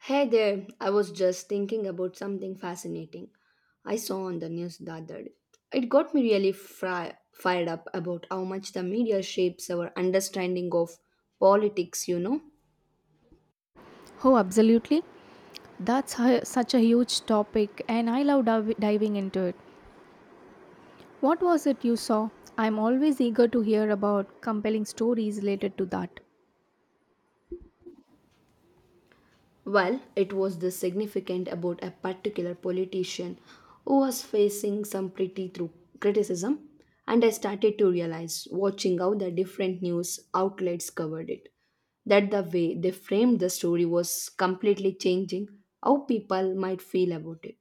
Hey there, I was just thinking about something fascinating I saw on the news the other day. It got me really fired up about how much the media shapes our understanding of politics, you know. Oh, absolutely. Such a huge topic, and I love diving into it. What was it you saw? I'm always eager to hear about compelling stories related to that. Well, it was this significant about a particular politician who was facing some pretty through criticism, and I started to realize, watching how the different news outlets covered it, that the way they framed the story was completely changing how people might feel about it.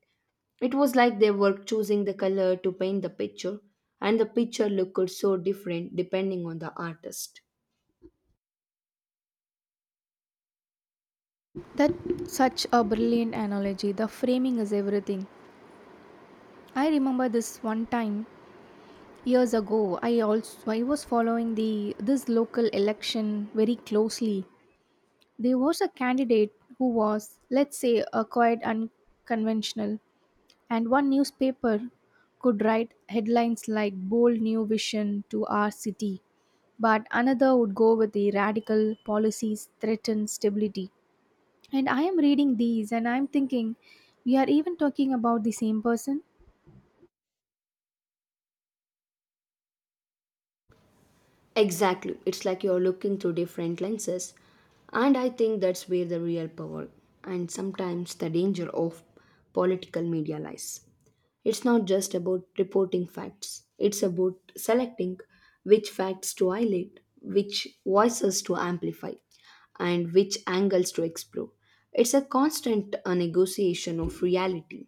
It was like they were choosing the color to paint the picture, and the picture looked so different depending on the artist. That's such a brilliant analogy. The framing is everything. I remember this one time years ago. I was following the this local election very closely. There was a candidate who was, let's say, a quite unconventional. And one newspaper could write headlines like Bold New Vision to Our City, but another would go with the radical policies threaten stability. And I am reading these and I'm thinking, we are even talking about the same person? Exactly. It's like you're looking through different lenses. And I think that's where the real power and sometimes the danger of political media lies. It's not just about reporting facts, it's about selecting which facts to highlight, which voices to amplify, and which angles to explore. It's a constant negotiation of reality.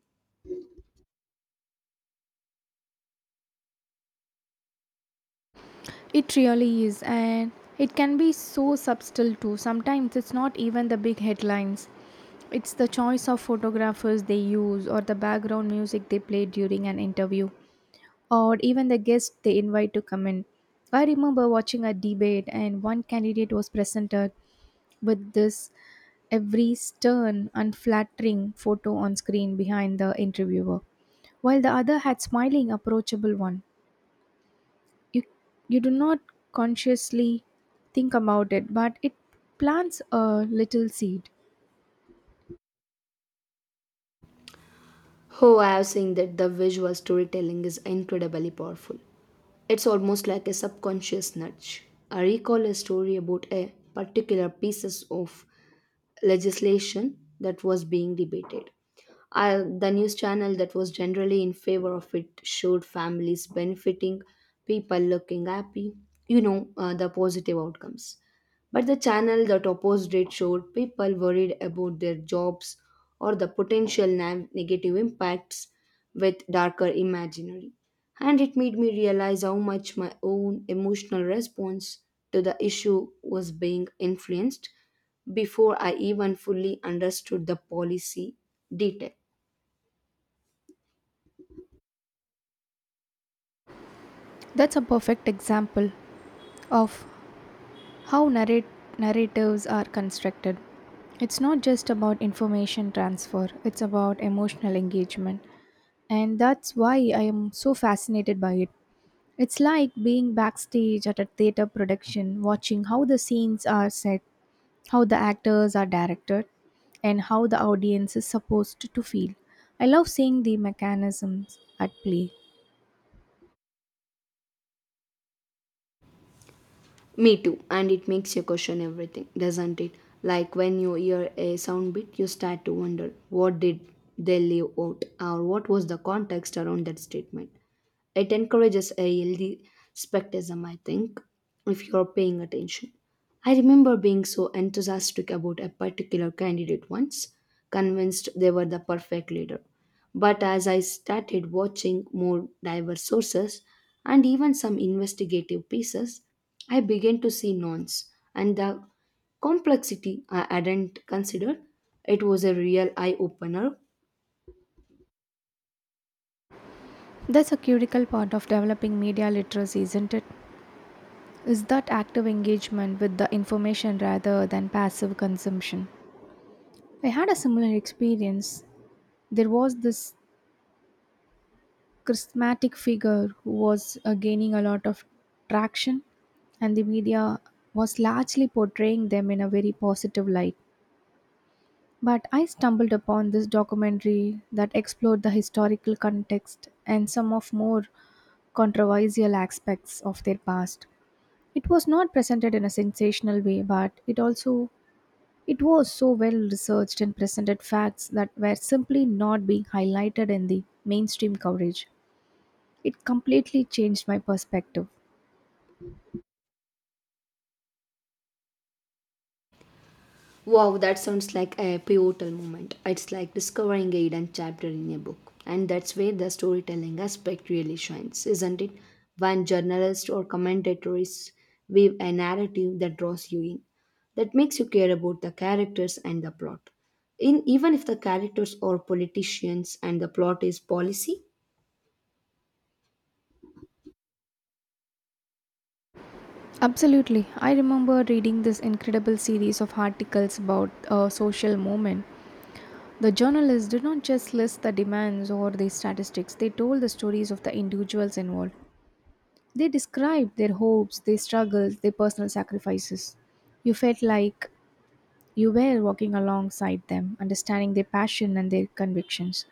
It really is, and it can be so subtle too. Sometimes it's not even the big headlines. It's the choice of photographers they use or the background music they play during an interview, or even the guests they invite to come in. I remember watching a debate, and one candidate was presented with this every stern, unflattering photo on screen behind the interviewer, while the other had smiling, approachable one. You you do not consciously think about it, but it plants a little seed. Oh, I have seen that the visual storytelling is incredibly powerful. It's almost like a subconscious nudge. I recall a story about a particular piece of legislation that was being debated. I, the news channel that was generally in favor of it showed families benefiting, people looking happy, you know, the positive outcomes. But the channel that opposed it showed people worried about their jobs or the potential negative impacts with darker imaginary. And it made me realize how much my own emotional response to the issue was being influenced before I even fully understood the policy detail. That's a perfect example of how narrate, narratives are constructed. It's not just about information transfer, it's about emotional engagement. And that's why I am so fascinated by it. It's like being backstage at a theater production, watching how the scenes are set, how the actors are directed, and how the audience is supposed to feel. I love seeing the mechanisms at play. Me too, and it makes you question everything, doesn't it? Like when you hear a sound bit, you start to wonder what did they leave out, or what was the context around that statement. It encourages a healthy skepticism, I think, if you're paying attention. I remember being so enthusiastic about a particular candidate once, convinced they were the perfect leader, but as I started watching more diverse sources and even some investigative pieces, I began to see nuance and the complexity I hadn't considered. It was a real eye-opener. That's a critical part of developing media literacy, isn't it? Is that active engagement with the information rather than passive consumption. I had a similar experience. There was this charismatic figure who was gaining a lot of traction, and the media was largely portraying them in a very positive light. But I stumbled upon this documentary that explored the historical context and some of more controversial aspects of their past. It was not presented in a sensational way, but it also it was so well researched and presented facts that were simply not being highlighted in the mainstream coverage. It completely changed my perspective. Wow, that sounds like a pivotal moment. It's like discovering a hidden chapter in a book. And that's where the storytelling aspect really shines, isn't it? When journalists or commentators weave a narrative that draws you in, that makes you care about the characters and the plot. In, even if the characters are politicians and the plot is policy, Absolutely. I remember reading this incredible series of articles about a social movement. The journalists did not just list the demands or the statistics, they told the stories of the individuals involved. They described their hopes, their struggles, their personal sacrifices. You felt like you were walking alongside them, understanding their passion and their convictions.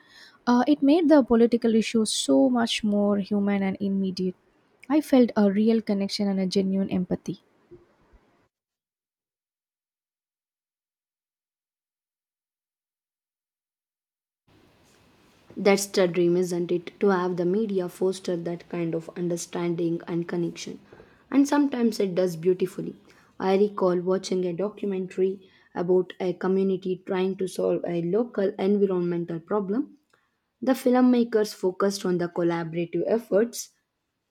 It made the political issue so much more human and immediate. I felt a real connection and a genuine empathy. that's the dream, isn't it? To have the media foster that kind of understanding and connection. And sometimes it does beautifully. I recall watching a documentary about a community trying to solve a local environmental problem. The filmmakers focused on the collaborative efforts,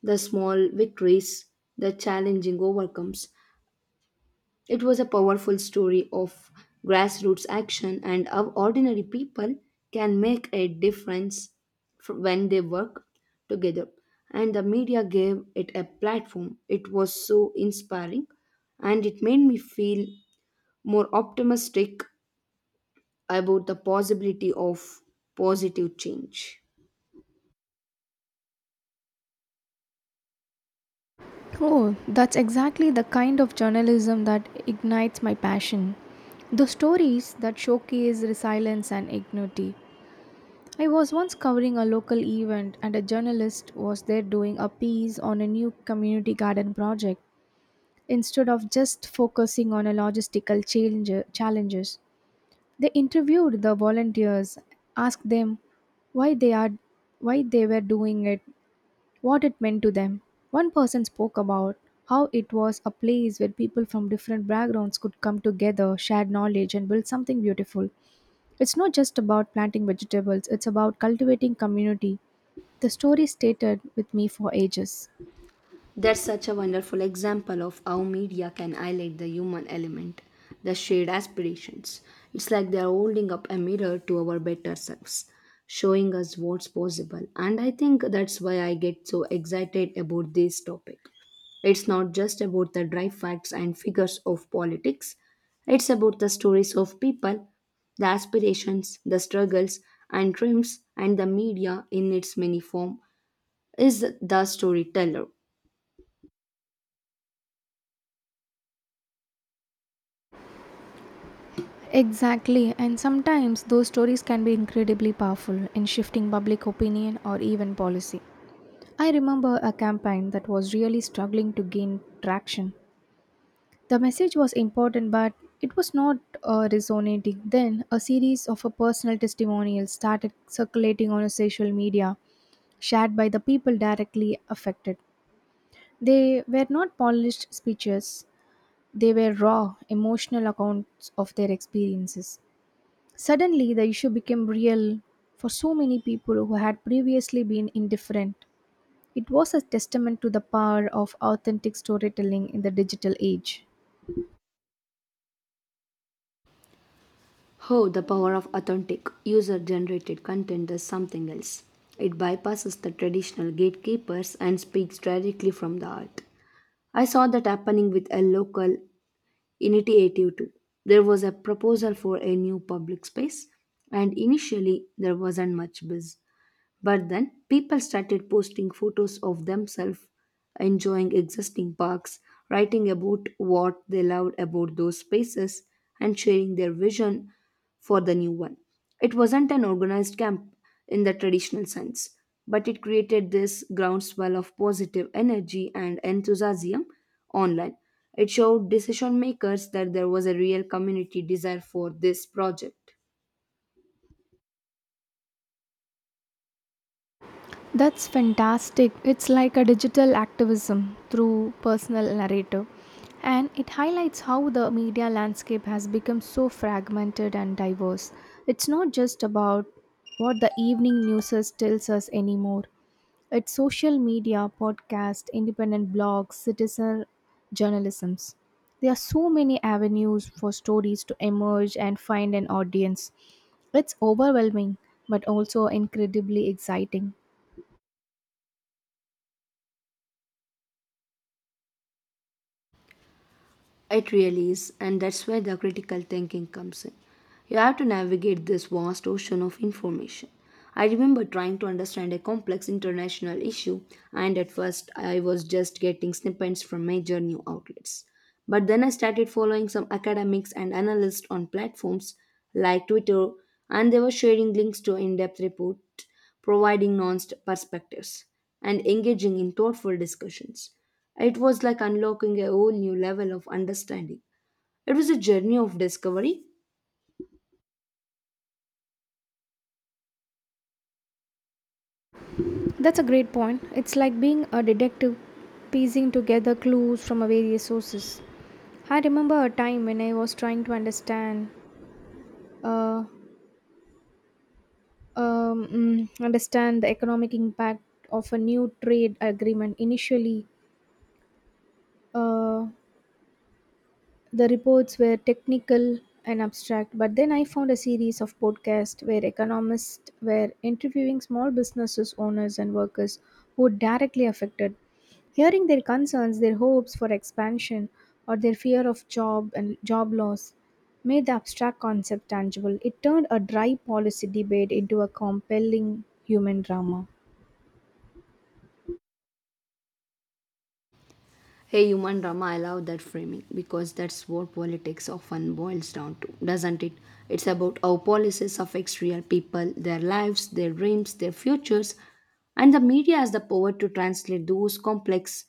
the small victories, the challenging overcomes. It was a powerful story of grassroots action and how ordinary people can make a difference when they work together. And the media gave it a platform. It was so inspiring, and it made me feel more optimistic about the possibility of positive change. Oh, that's exactly the kind of journalism that ignites my passion. The stories that showcase resilience and ignity. I was once covering a local event, and a journalist was there doing a piece on a new community garden project. Instead of just focusing on a challenges, they interviewed the volunteers, asked them why they are why they were doing it, what it meant to them. One person spoke about how it was a place where people from different backgrounds could come together, share knowledge and build something beautiful. It's not just about planting vegetables, it's about cultivating community. The story stated with me for ages. That's such a wonderful example of how media can highlight the human element, the shared aspirations. It's like they're holding up a mirror to our better selves, showing us what's possible. And I think that's why I get so excited about this topic. It's not just about the dry facts and figures of politics, it's about the stories of people, the aspirations, the struggles, and dreams, and the media in its many form is the storyteller. Exactly, and sometimes those stories can be incredibly powerful in shifting public opinion or even policy. I remember a campaign that was really struggling to gain traction. The message was important, but it was not resonating. Then, a series of personal testimonials started circulating on a social media, shared by the people directly affected. They were not polished speeches, they were raw, emotional accounts of their experiences. Suddenly, the issue became real for so many people who had previously been indifferent. It was a testament to the power of authentic storytelling in the digital age. How the power of authentic, user generated content does something else. It bypasses the traditional gatekeepers and speaks directly from the heart. I saw that happening with a local initiative too. There was a proposal for a new public space, and initially there wasn't much buzz. But then people started posting photos of themselves enjoying existing parks, writing about what they loved about those spaces, and sharing their vision for the new one. It wasn't an organized camp in the traditional sense, but it created this groundswell of positive energy and enthusiasm online. It showed decision makers that there was a real community desire for this project. That's fantastic. It's like a digital activism through personal narrative. And it highlights how the media landscape has become so fragmented and diverse. It's not just about what the evening news is- tells us anymore. It's social media, podcast, independent blogs, citizen journalisms. There are so many avenues for stories to emerge and find an audience. It's overwhelming, but also incredibly exciting. It really is, and that's where the critical thinking comes in. You have to navigate this vast ocean of information. I remember trying to understand a complex international issue, and at first I was just getting snippets from major new outlets. But then I started following some academics and analysts on platforms like Twitter, and they were sharing links to in depth reports, providing nuanced perspectives, and engaging in thoughtful discussions. It was like unlocking a whole new level of understanding. It was a journey of discovery. That's a great point. It's like being a detective, piecing together clues from various sources. I remember a time when I was trying to uh, understand the economic impact of a new trade agreement. Initially, uh, the reports were technical and abstract, but then I found a series of podcasts where economists were interviewing small businesses owners and workers who were directly affected. Hearing their concerns, their hopes for expansion, or their fear of job loss made the abstract concept tangible. It turned a dry policy debate into a compelling human drama. Hey, human drama, I love that framing because that's what politics often boils down to, doesn't it? It's about how policies affect real people, their lives, their dreams, their futures, and the media has the power to translate those complex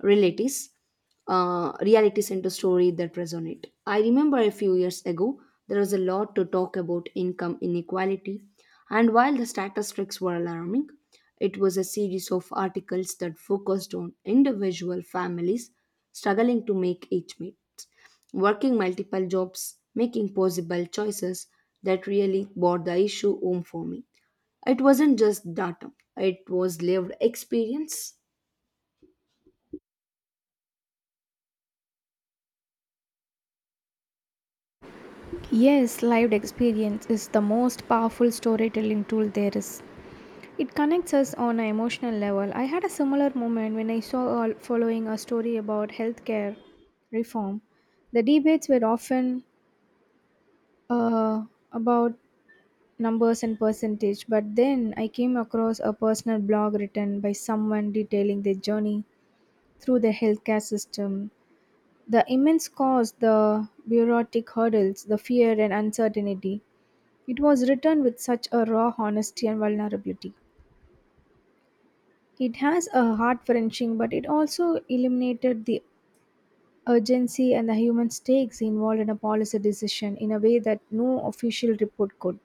realities, realities into story that resonate. I remember a few years ago there was a lot to talk about income inequality, and while the statistics were alarming, it was a series of articles that focused on individual families struggling to make each meet, working multiple jobs, making possible choices that really brought the issue home for me. It wasn't just data, it was lived experience. Yes, lived experience is the most powerful storytelling tool there is. It connects us on an emotional level. I had a similar moment when following a story about healthcare reform. The debates were often uh, about numbers and percentage, but then I came across a personal blog written by someone detailing their journey through the healthcare system, the immense cost, the bureaucratic hurdles, the fear and uncertainty. It was written with such a raw honesty and vulnerability. It has a heart wrenching, but it also eliminated the urgency and the human stakes involved in a policy decision in a way that no official report could.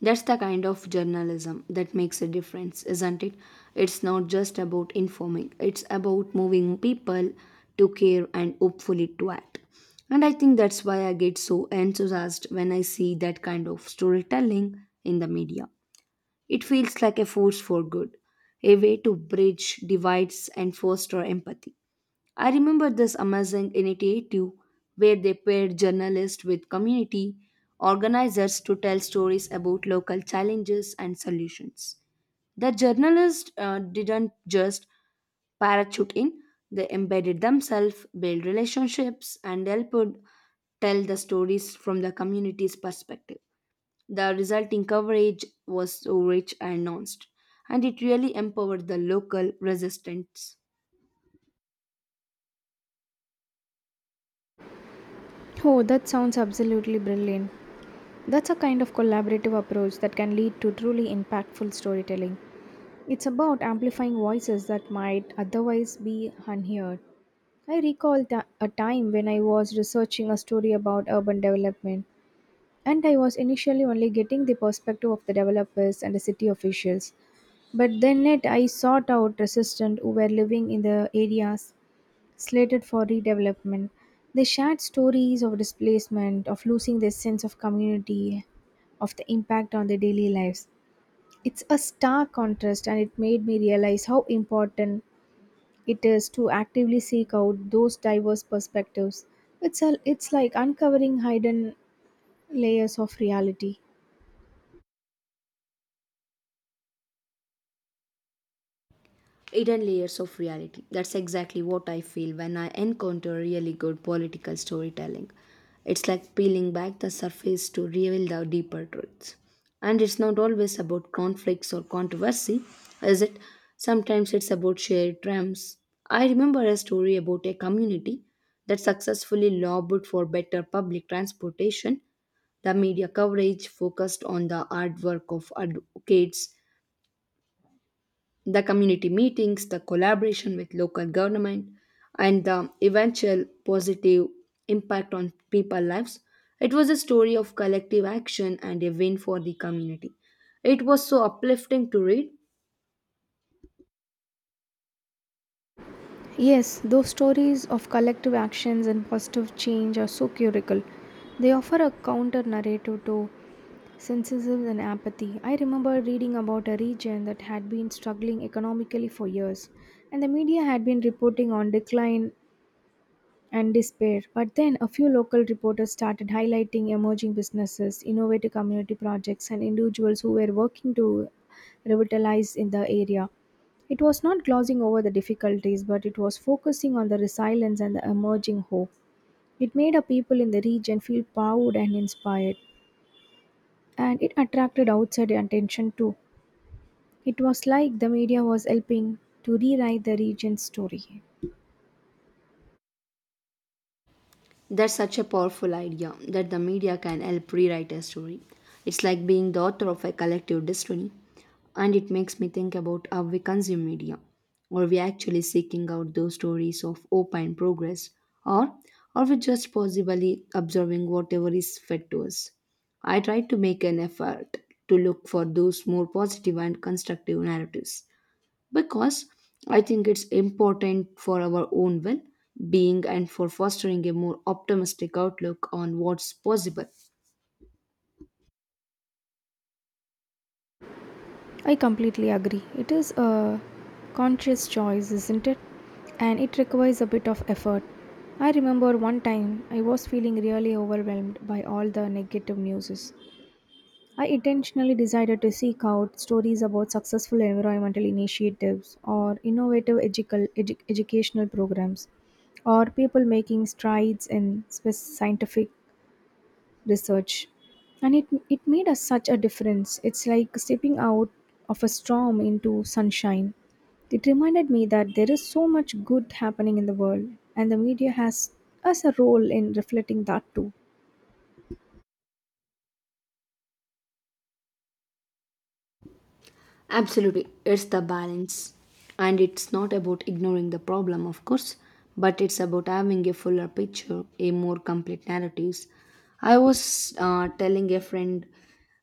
That's the kind of journalism that makes a difference, isn't it? It's not just about informing, it's about moving people to care and hopefully to act. And I think that's why I get so enthusiastic when I see that kind of storytelling in the media. It feels like a force for good, a way to bridge divides and foster empathy. I remember this amazing initiative where they paired journalists with community organizers to tell stories about local challenges and solutions. The journalists didn't just parachute in, they embedded themselves, built relationships, and helped tell the stories from the community's perspective. The resulting coverage was so rich and nuanced, and it really empowered the local resistance. Oh, that sounds absolutely brilliant. That's a kind of collaborative approach that can lead to truly impactful storytelling. It's about amplifying voices that might otherwise be unheard. I recall a time when I was researching a story about urban development. And I was initially only getting the perspective of the developers and the city officials. But I sought out residents who were living in the areas slated for redevelopment. They shared stories of displacement, of losing their sense of community, of the impact on their daily lives. It's a stark contrast, and it made me realize how important it is to actively seek out those diverse perspectives. It's like uncovering hidden layers of reality. Hidden layers of reality. That's exactly what I feel when I encounter really good political storytelling. It's like peeling back the surface to reveal the deeper truths. And it's not always about conflicts or controversy, is it? Sometimes it's about shared triumphs. I remember a story about a community that successfully lobbied for better public transportation. The media coverage focused on the hard work of advocates, the community meetings, the collaboration with local government, and the eventual positive impact on people's lives. It was a story of collective action and a win for the community. It was so uplifting to read. Yes, those stories of collective actions and positive change are so curical. They offer a counter narrative to cynicism and apathy. I remember reading about a region that had been struggling economically for years, and the media had been reporting on decline and despair. But then a few local reporters started highlighting emerging businesses, innovative community projects, and individuals who were working to revitalize in the area. It was not glossing over the difficulties, but it was focusing on the resilience and the emerging hope. It made our people in the region feel proud and inspired, and it attracted outside attention too. It was like the media was helping to rewrite the region's story. That's such a powerful idea, that the media can help rewrite a story. It's like being the author of a collective destiny, and it makes me think about how we consume media. Are we actually seeking out those stories of hope and progress, or are we just possibly observing whatever is fed to us? I try to make an effort to look for those more positive and constructive narratives, because I think it's important for our own well being and for fostering a more optimistic outlook on what's possible. I completely agree. It is a conscious choice, isn't it? And it requires a bit of effort. I remember one time I was feeling really overwhelmed by all the negative news. I intentionally decided to seek out stories about successful environmental initiatives or educational programs or people making strides in scientific research. And it made us such a difference. It's like stepping out of a storm into sunshine. It reminded me that there is so much good happening in the world, and the media has us a role in reflecting that too. Absolutely, it's the balance. And it's not about ignoring the problem, of course, but it's about having a fuller picture, a more complete narratives. I was telling a friend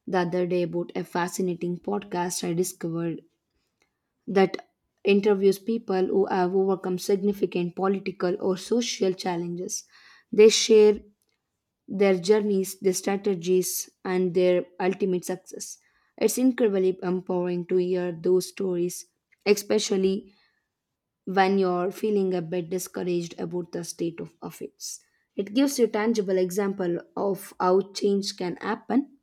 the other day about a fascinating podcast I discovered that interviews people who have overcome significant political or social challenges. They share their journeys, their strategies, and their ultimate success. It's incredibly empowering to hear those stories, especially when you're feeling a bit discouraged about the state of affairs. It gives you tangible example of how change can happen.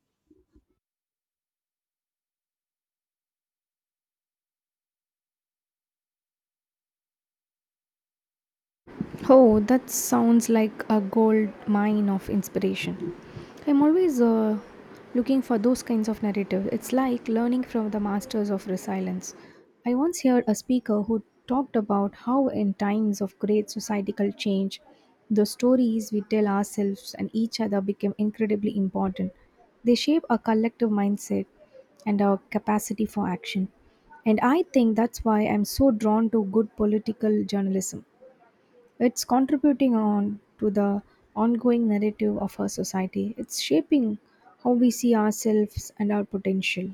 Oh, that sounds like a gold mine of inspiration. I'm always looking for those kinds of narratives. It's like learning from the masters of resilience. I once heard a speaker who talked about how, in times of great societal change, the stories we tell ourselves and each other become incredibly important. They shape our collective mindset and our capacity for action. And I think that's why I'm so drawn to good political journalism. It's contributing on to the ongoing narrative of our society. It's shaping how we see ourselves and our potential.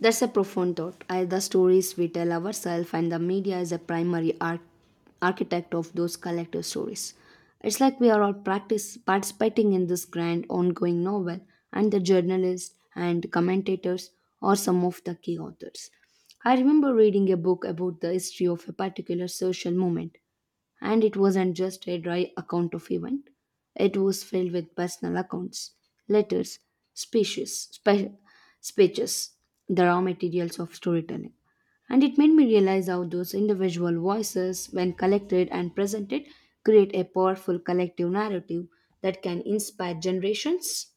That's a profound thought. I, the stories we tell ourselves and the media is a primary architect of those collective stories. It's like we are all practice participating in this grand ongoing novel, and the journalists and commentators are some of the key authors. I remember reading a book about the history of a particular social movement, and it wasn't just a dry account of event. It was filled with personal accounts, letters, speeches, spe- speeches, the raw materials of storytelling. And it made me realize how those individual voices, when collected and presented, create a powerful collective narrative that can inspire generations.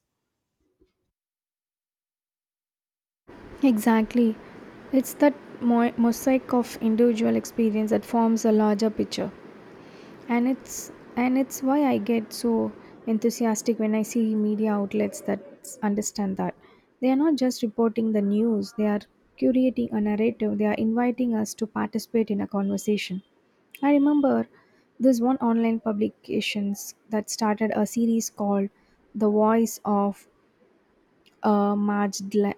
Exactly. It's that mosaic of individual experience that forms a larger picture. and it's and it's why I get so enthusiastic when I see media outlets that understand that they are not just reporting the news, they are curating a narrative, they are inviting us to participate in a conversation. I remember this one online publications that started a series called the voice of margedly.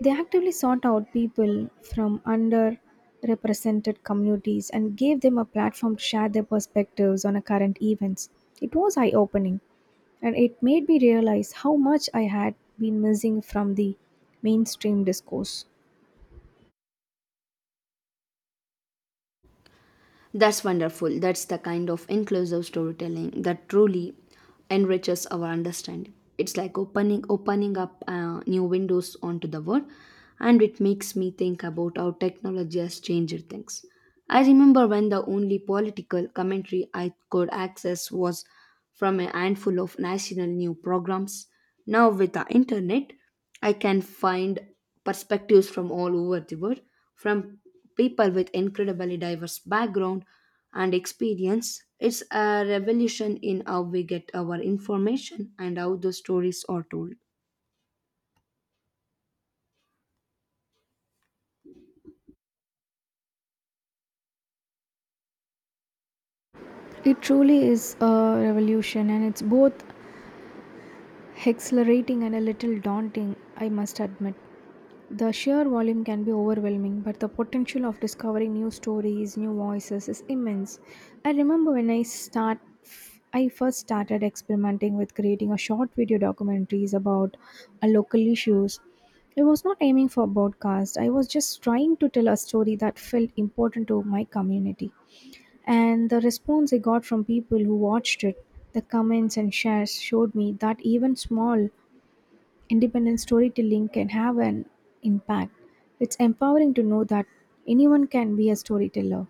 They actively sought out people from underrepresented communities and gave them a platform to share their perspectives on a current events. It was eye opening, and it made me realize how much I had been missing from the mainstream discourse. That's wonderful. That's the kind of inclusive storytelling that truly enriches our understanding. It's like opening up new windows onto the world, and it makes me think about how technology has changed things. I remember when the only political commentary I could access was from a handful of national news programs. Now, with the internet, I can find perspectives from all over the world, from people with incredibly diverse background and experience. It's a revolution in how we get our information and how the stories are told. It truly is a revolution, and it's both exhilarating and a little daunting, I must admit. The sheer volume can be overwhelming, but the potential of discovering new stories, new voices is immense. I remember when I start I first started experimenting with creating a short video documentaries about a local issues. I was not aiming for a broadcast. I was just trying to tell a story that felt important to my community. And the response I got from people who watched it, the comments and shares showed me that even small independent storytelling can have an impact. It's empowering to know that anyone can be a storyteller.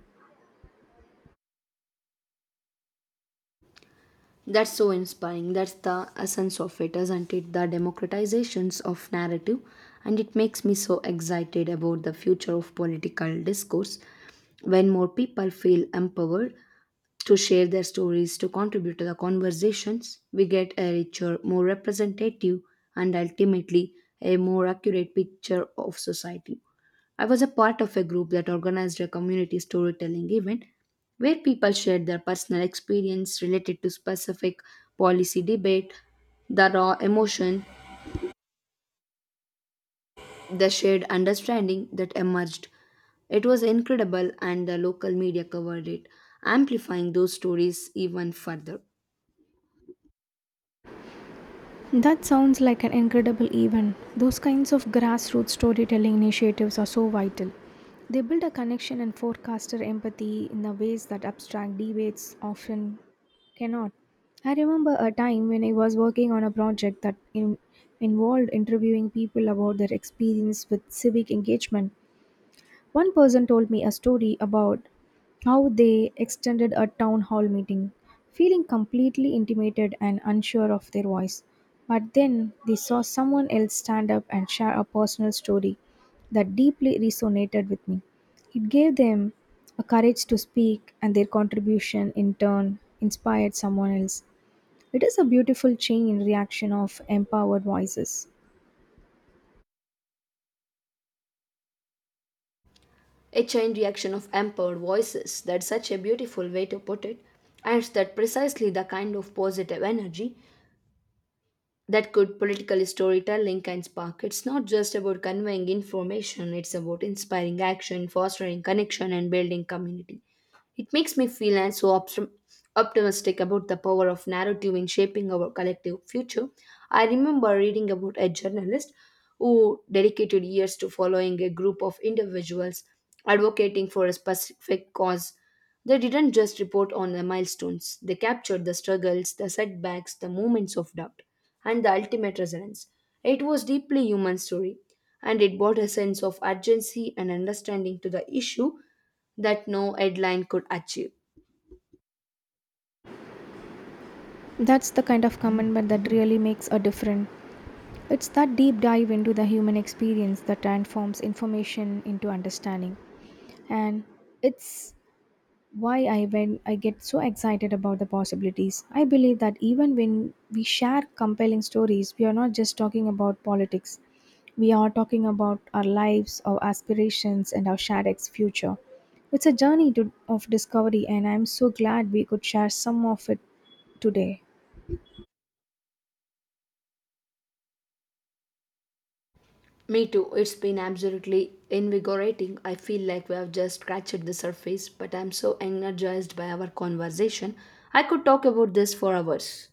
That's so inspiring. That's the essence of it, isn't it? The democratizations of narrative. And it makes me so excited about the future of political discourse. When more people feel empowered to share their stories, to contribute to the conversations, we get a richer, more representative, and ultimately a more accurate picture of society. I was a part of a group that organized a community storytelling event where people shared their personal experience related to specific policy debate, the raw emotion, the shared understanding that emerged. It was incredible, and the local media covered it, amplifying those stories even further. That sounds like an incredible event. Those kinds of grassroots storytelling initiatives are so vital. They build a connection and forecaster empathy in the ways that abstract debates often cannot. I remember a time when I was working on a project that involved interviewing people about their experience with civic engagement. One person told me a story about how they extended a town hall meeting, feeling completely intimidated and unsure of their voice. But then they saw someone else stand up and share a personal story that deeply resonated with me. It gave them a courage to speak, and their contribution in turn inspired someone else. It is a beautiful chain reaction of empowered voices. A chain reaction of empowered voices, that's such a beautiful way to put it, and that precisely the kind of positive energy that good political storytelling can spark. It's not just about conveying information, it's about inspiring action, fostering connection, and building community. It makes me feel and so optimistic about the power of narrative in shaping our collective future. I remember reading about a journalist who dedicated years to following a group of individuals advocating for a specific cause. They didn't just report on the milestones, they captured the struggles, the setbacks, the moments of doubt, and the ultimate resonance. It was deeply human story, and it brought a sense of urgency and understanding to the issue that no headline could achieve. That's the kind of commitment that really makes a difference. It's that deep dive into the human experience that transforms information into understanding. And it's why I when I get so excited about the possibilities. I believe that even when we share compelling stories, we are not just talking about politics. We are talking about our lives, our aspirations and our future. It's a of discovery and I'm so glad we could share some of it today. Me too, it's been absolutely invigorating. I feel like we have just scratched the surface, but I'm so energized by our conversation. I could talk about this for hours.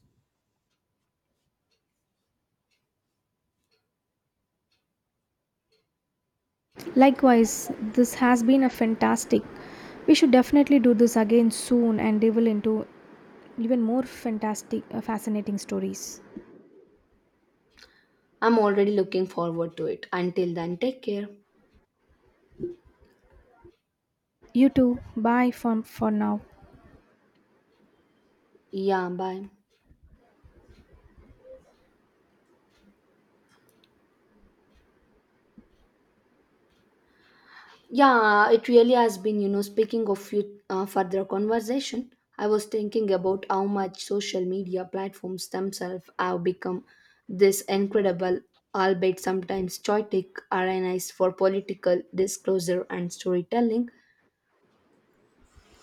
Likewise, this has been a fantastic. We should definitely do this again soon and delve into even more fascinating stories. I'm already looking forward to it. Until then, take care. You too. Bye for now. Yeah, bye. Yeah, it really has been, you know, speaking of you, further conversation, I was thinking about how much social media platforms themselves have become this incredible, albeit sometimes chaotic, arenas for political disclosure and storytelling.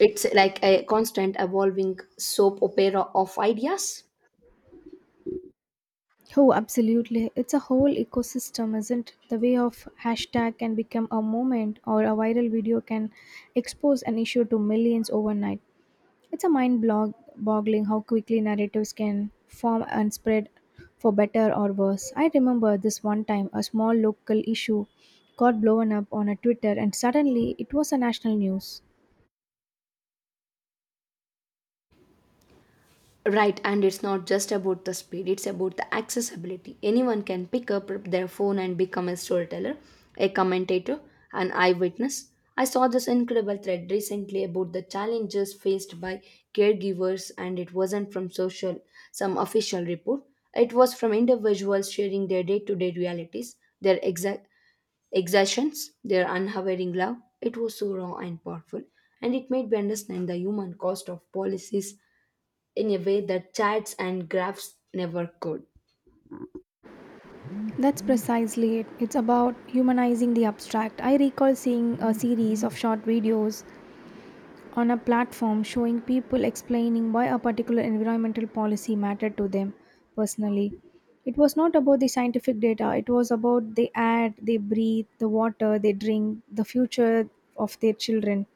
It's like a constant evolving soap opera of ideas. Oh, absolutely. It's a whole ecosystem, isn't it? The way of hashtag can become a moment or a viral video can expose an issue to millions overnight. It's a boggling how quickly narratives can form and spread for better or worse. I remember this one time a small local issue got blown up on a Twitter and suddenly it was a national news. Right, and it's not just about the speed, it's about the accessibility. Anyone can pick up their phone and become a storyteller, a commentator, an eyewitness. I saw this incredible thread recently about the challenges faced by caregivers, and it wasn't from social, some official report. It was from individuals sharing their day to day realities, their exertions, their unwavering love. It was so raw and powerful, and it made me understand the human cost of policies in a way that charts and graphs never could. That's precisely it. It's about humanizing the abstract. I recall seeing a series of short videos on a platform showing people explaining why a particular environmental policy mattered to them personally. It was not about the scientific data, it was about the air they breathe, the water they drink, the future of their children.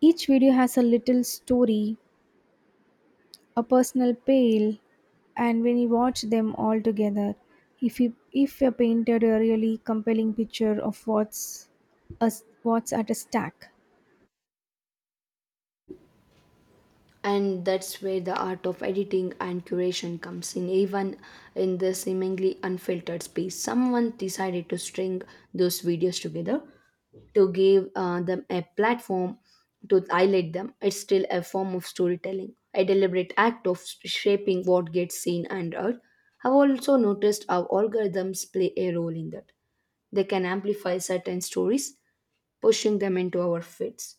Each video has a little story, a personal tale, and when you watch them all together, if you painted a really compelling picture of a, what's at a stack. And that's where the art of editing and curation comes in. Even in the seemingly unfiltered space, someone decided to string those videos together to give them a platform to highlight them. It's still a form of storytelling, a deliberate act of shaping what gets seen and heard. I've also noticed how algorithms play a role in that. They can amplify certain stories, pushing them into our feeds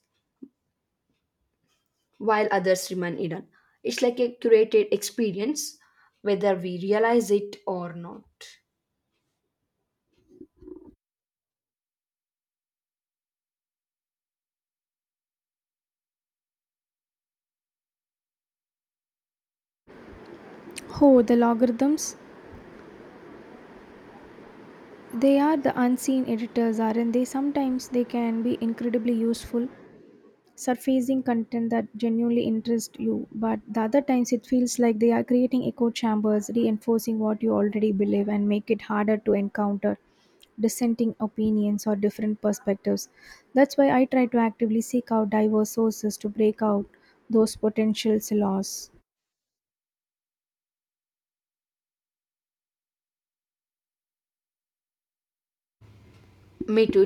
while others remain hidden. It's like a curated experience, whether we realize it or not. Oh, the logarithms, they are the unseen editors, aren't they? Sometimes they can be incredibly useful, surfacing content that genuinely interests you, but the other times it feels like they are creating echo chambers, reinforcing what you already believe and make it harder to encounter dissenting opinions or different perspectives. That's why I try to actively seek out diverse sources to break out those potential silos. Me too.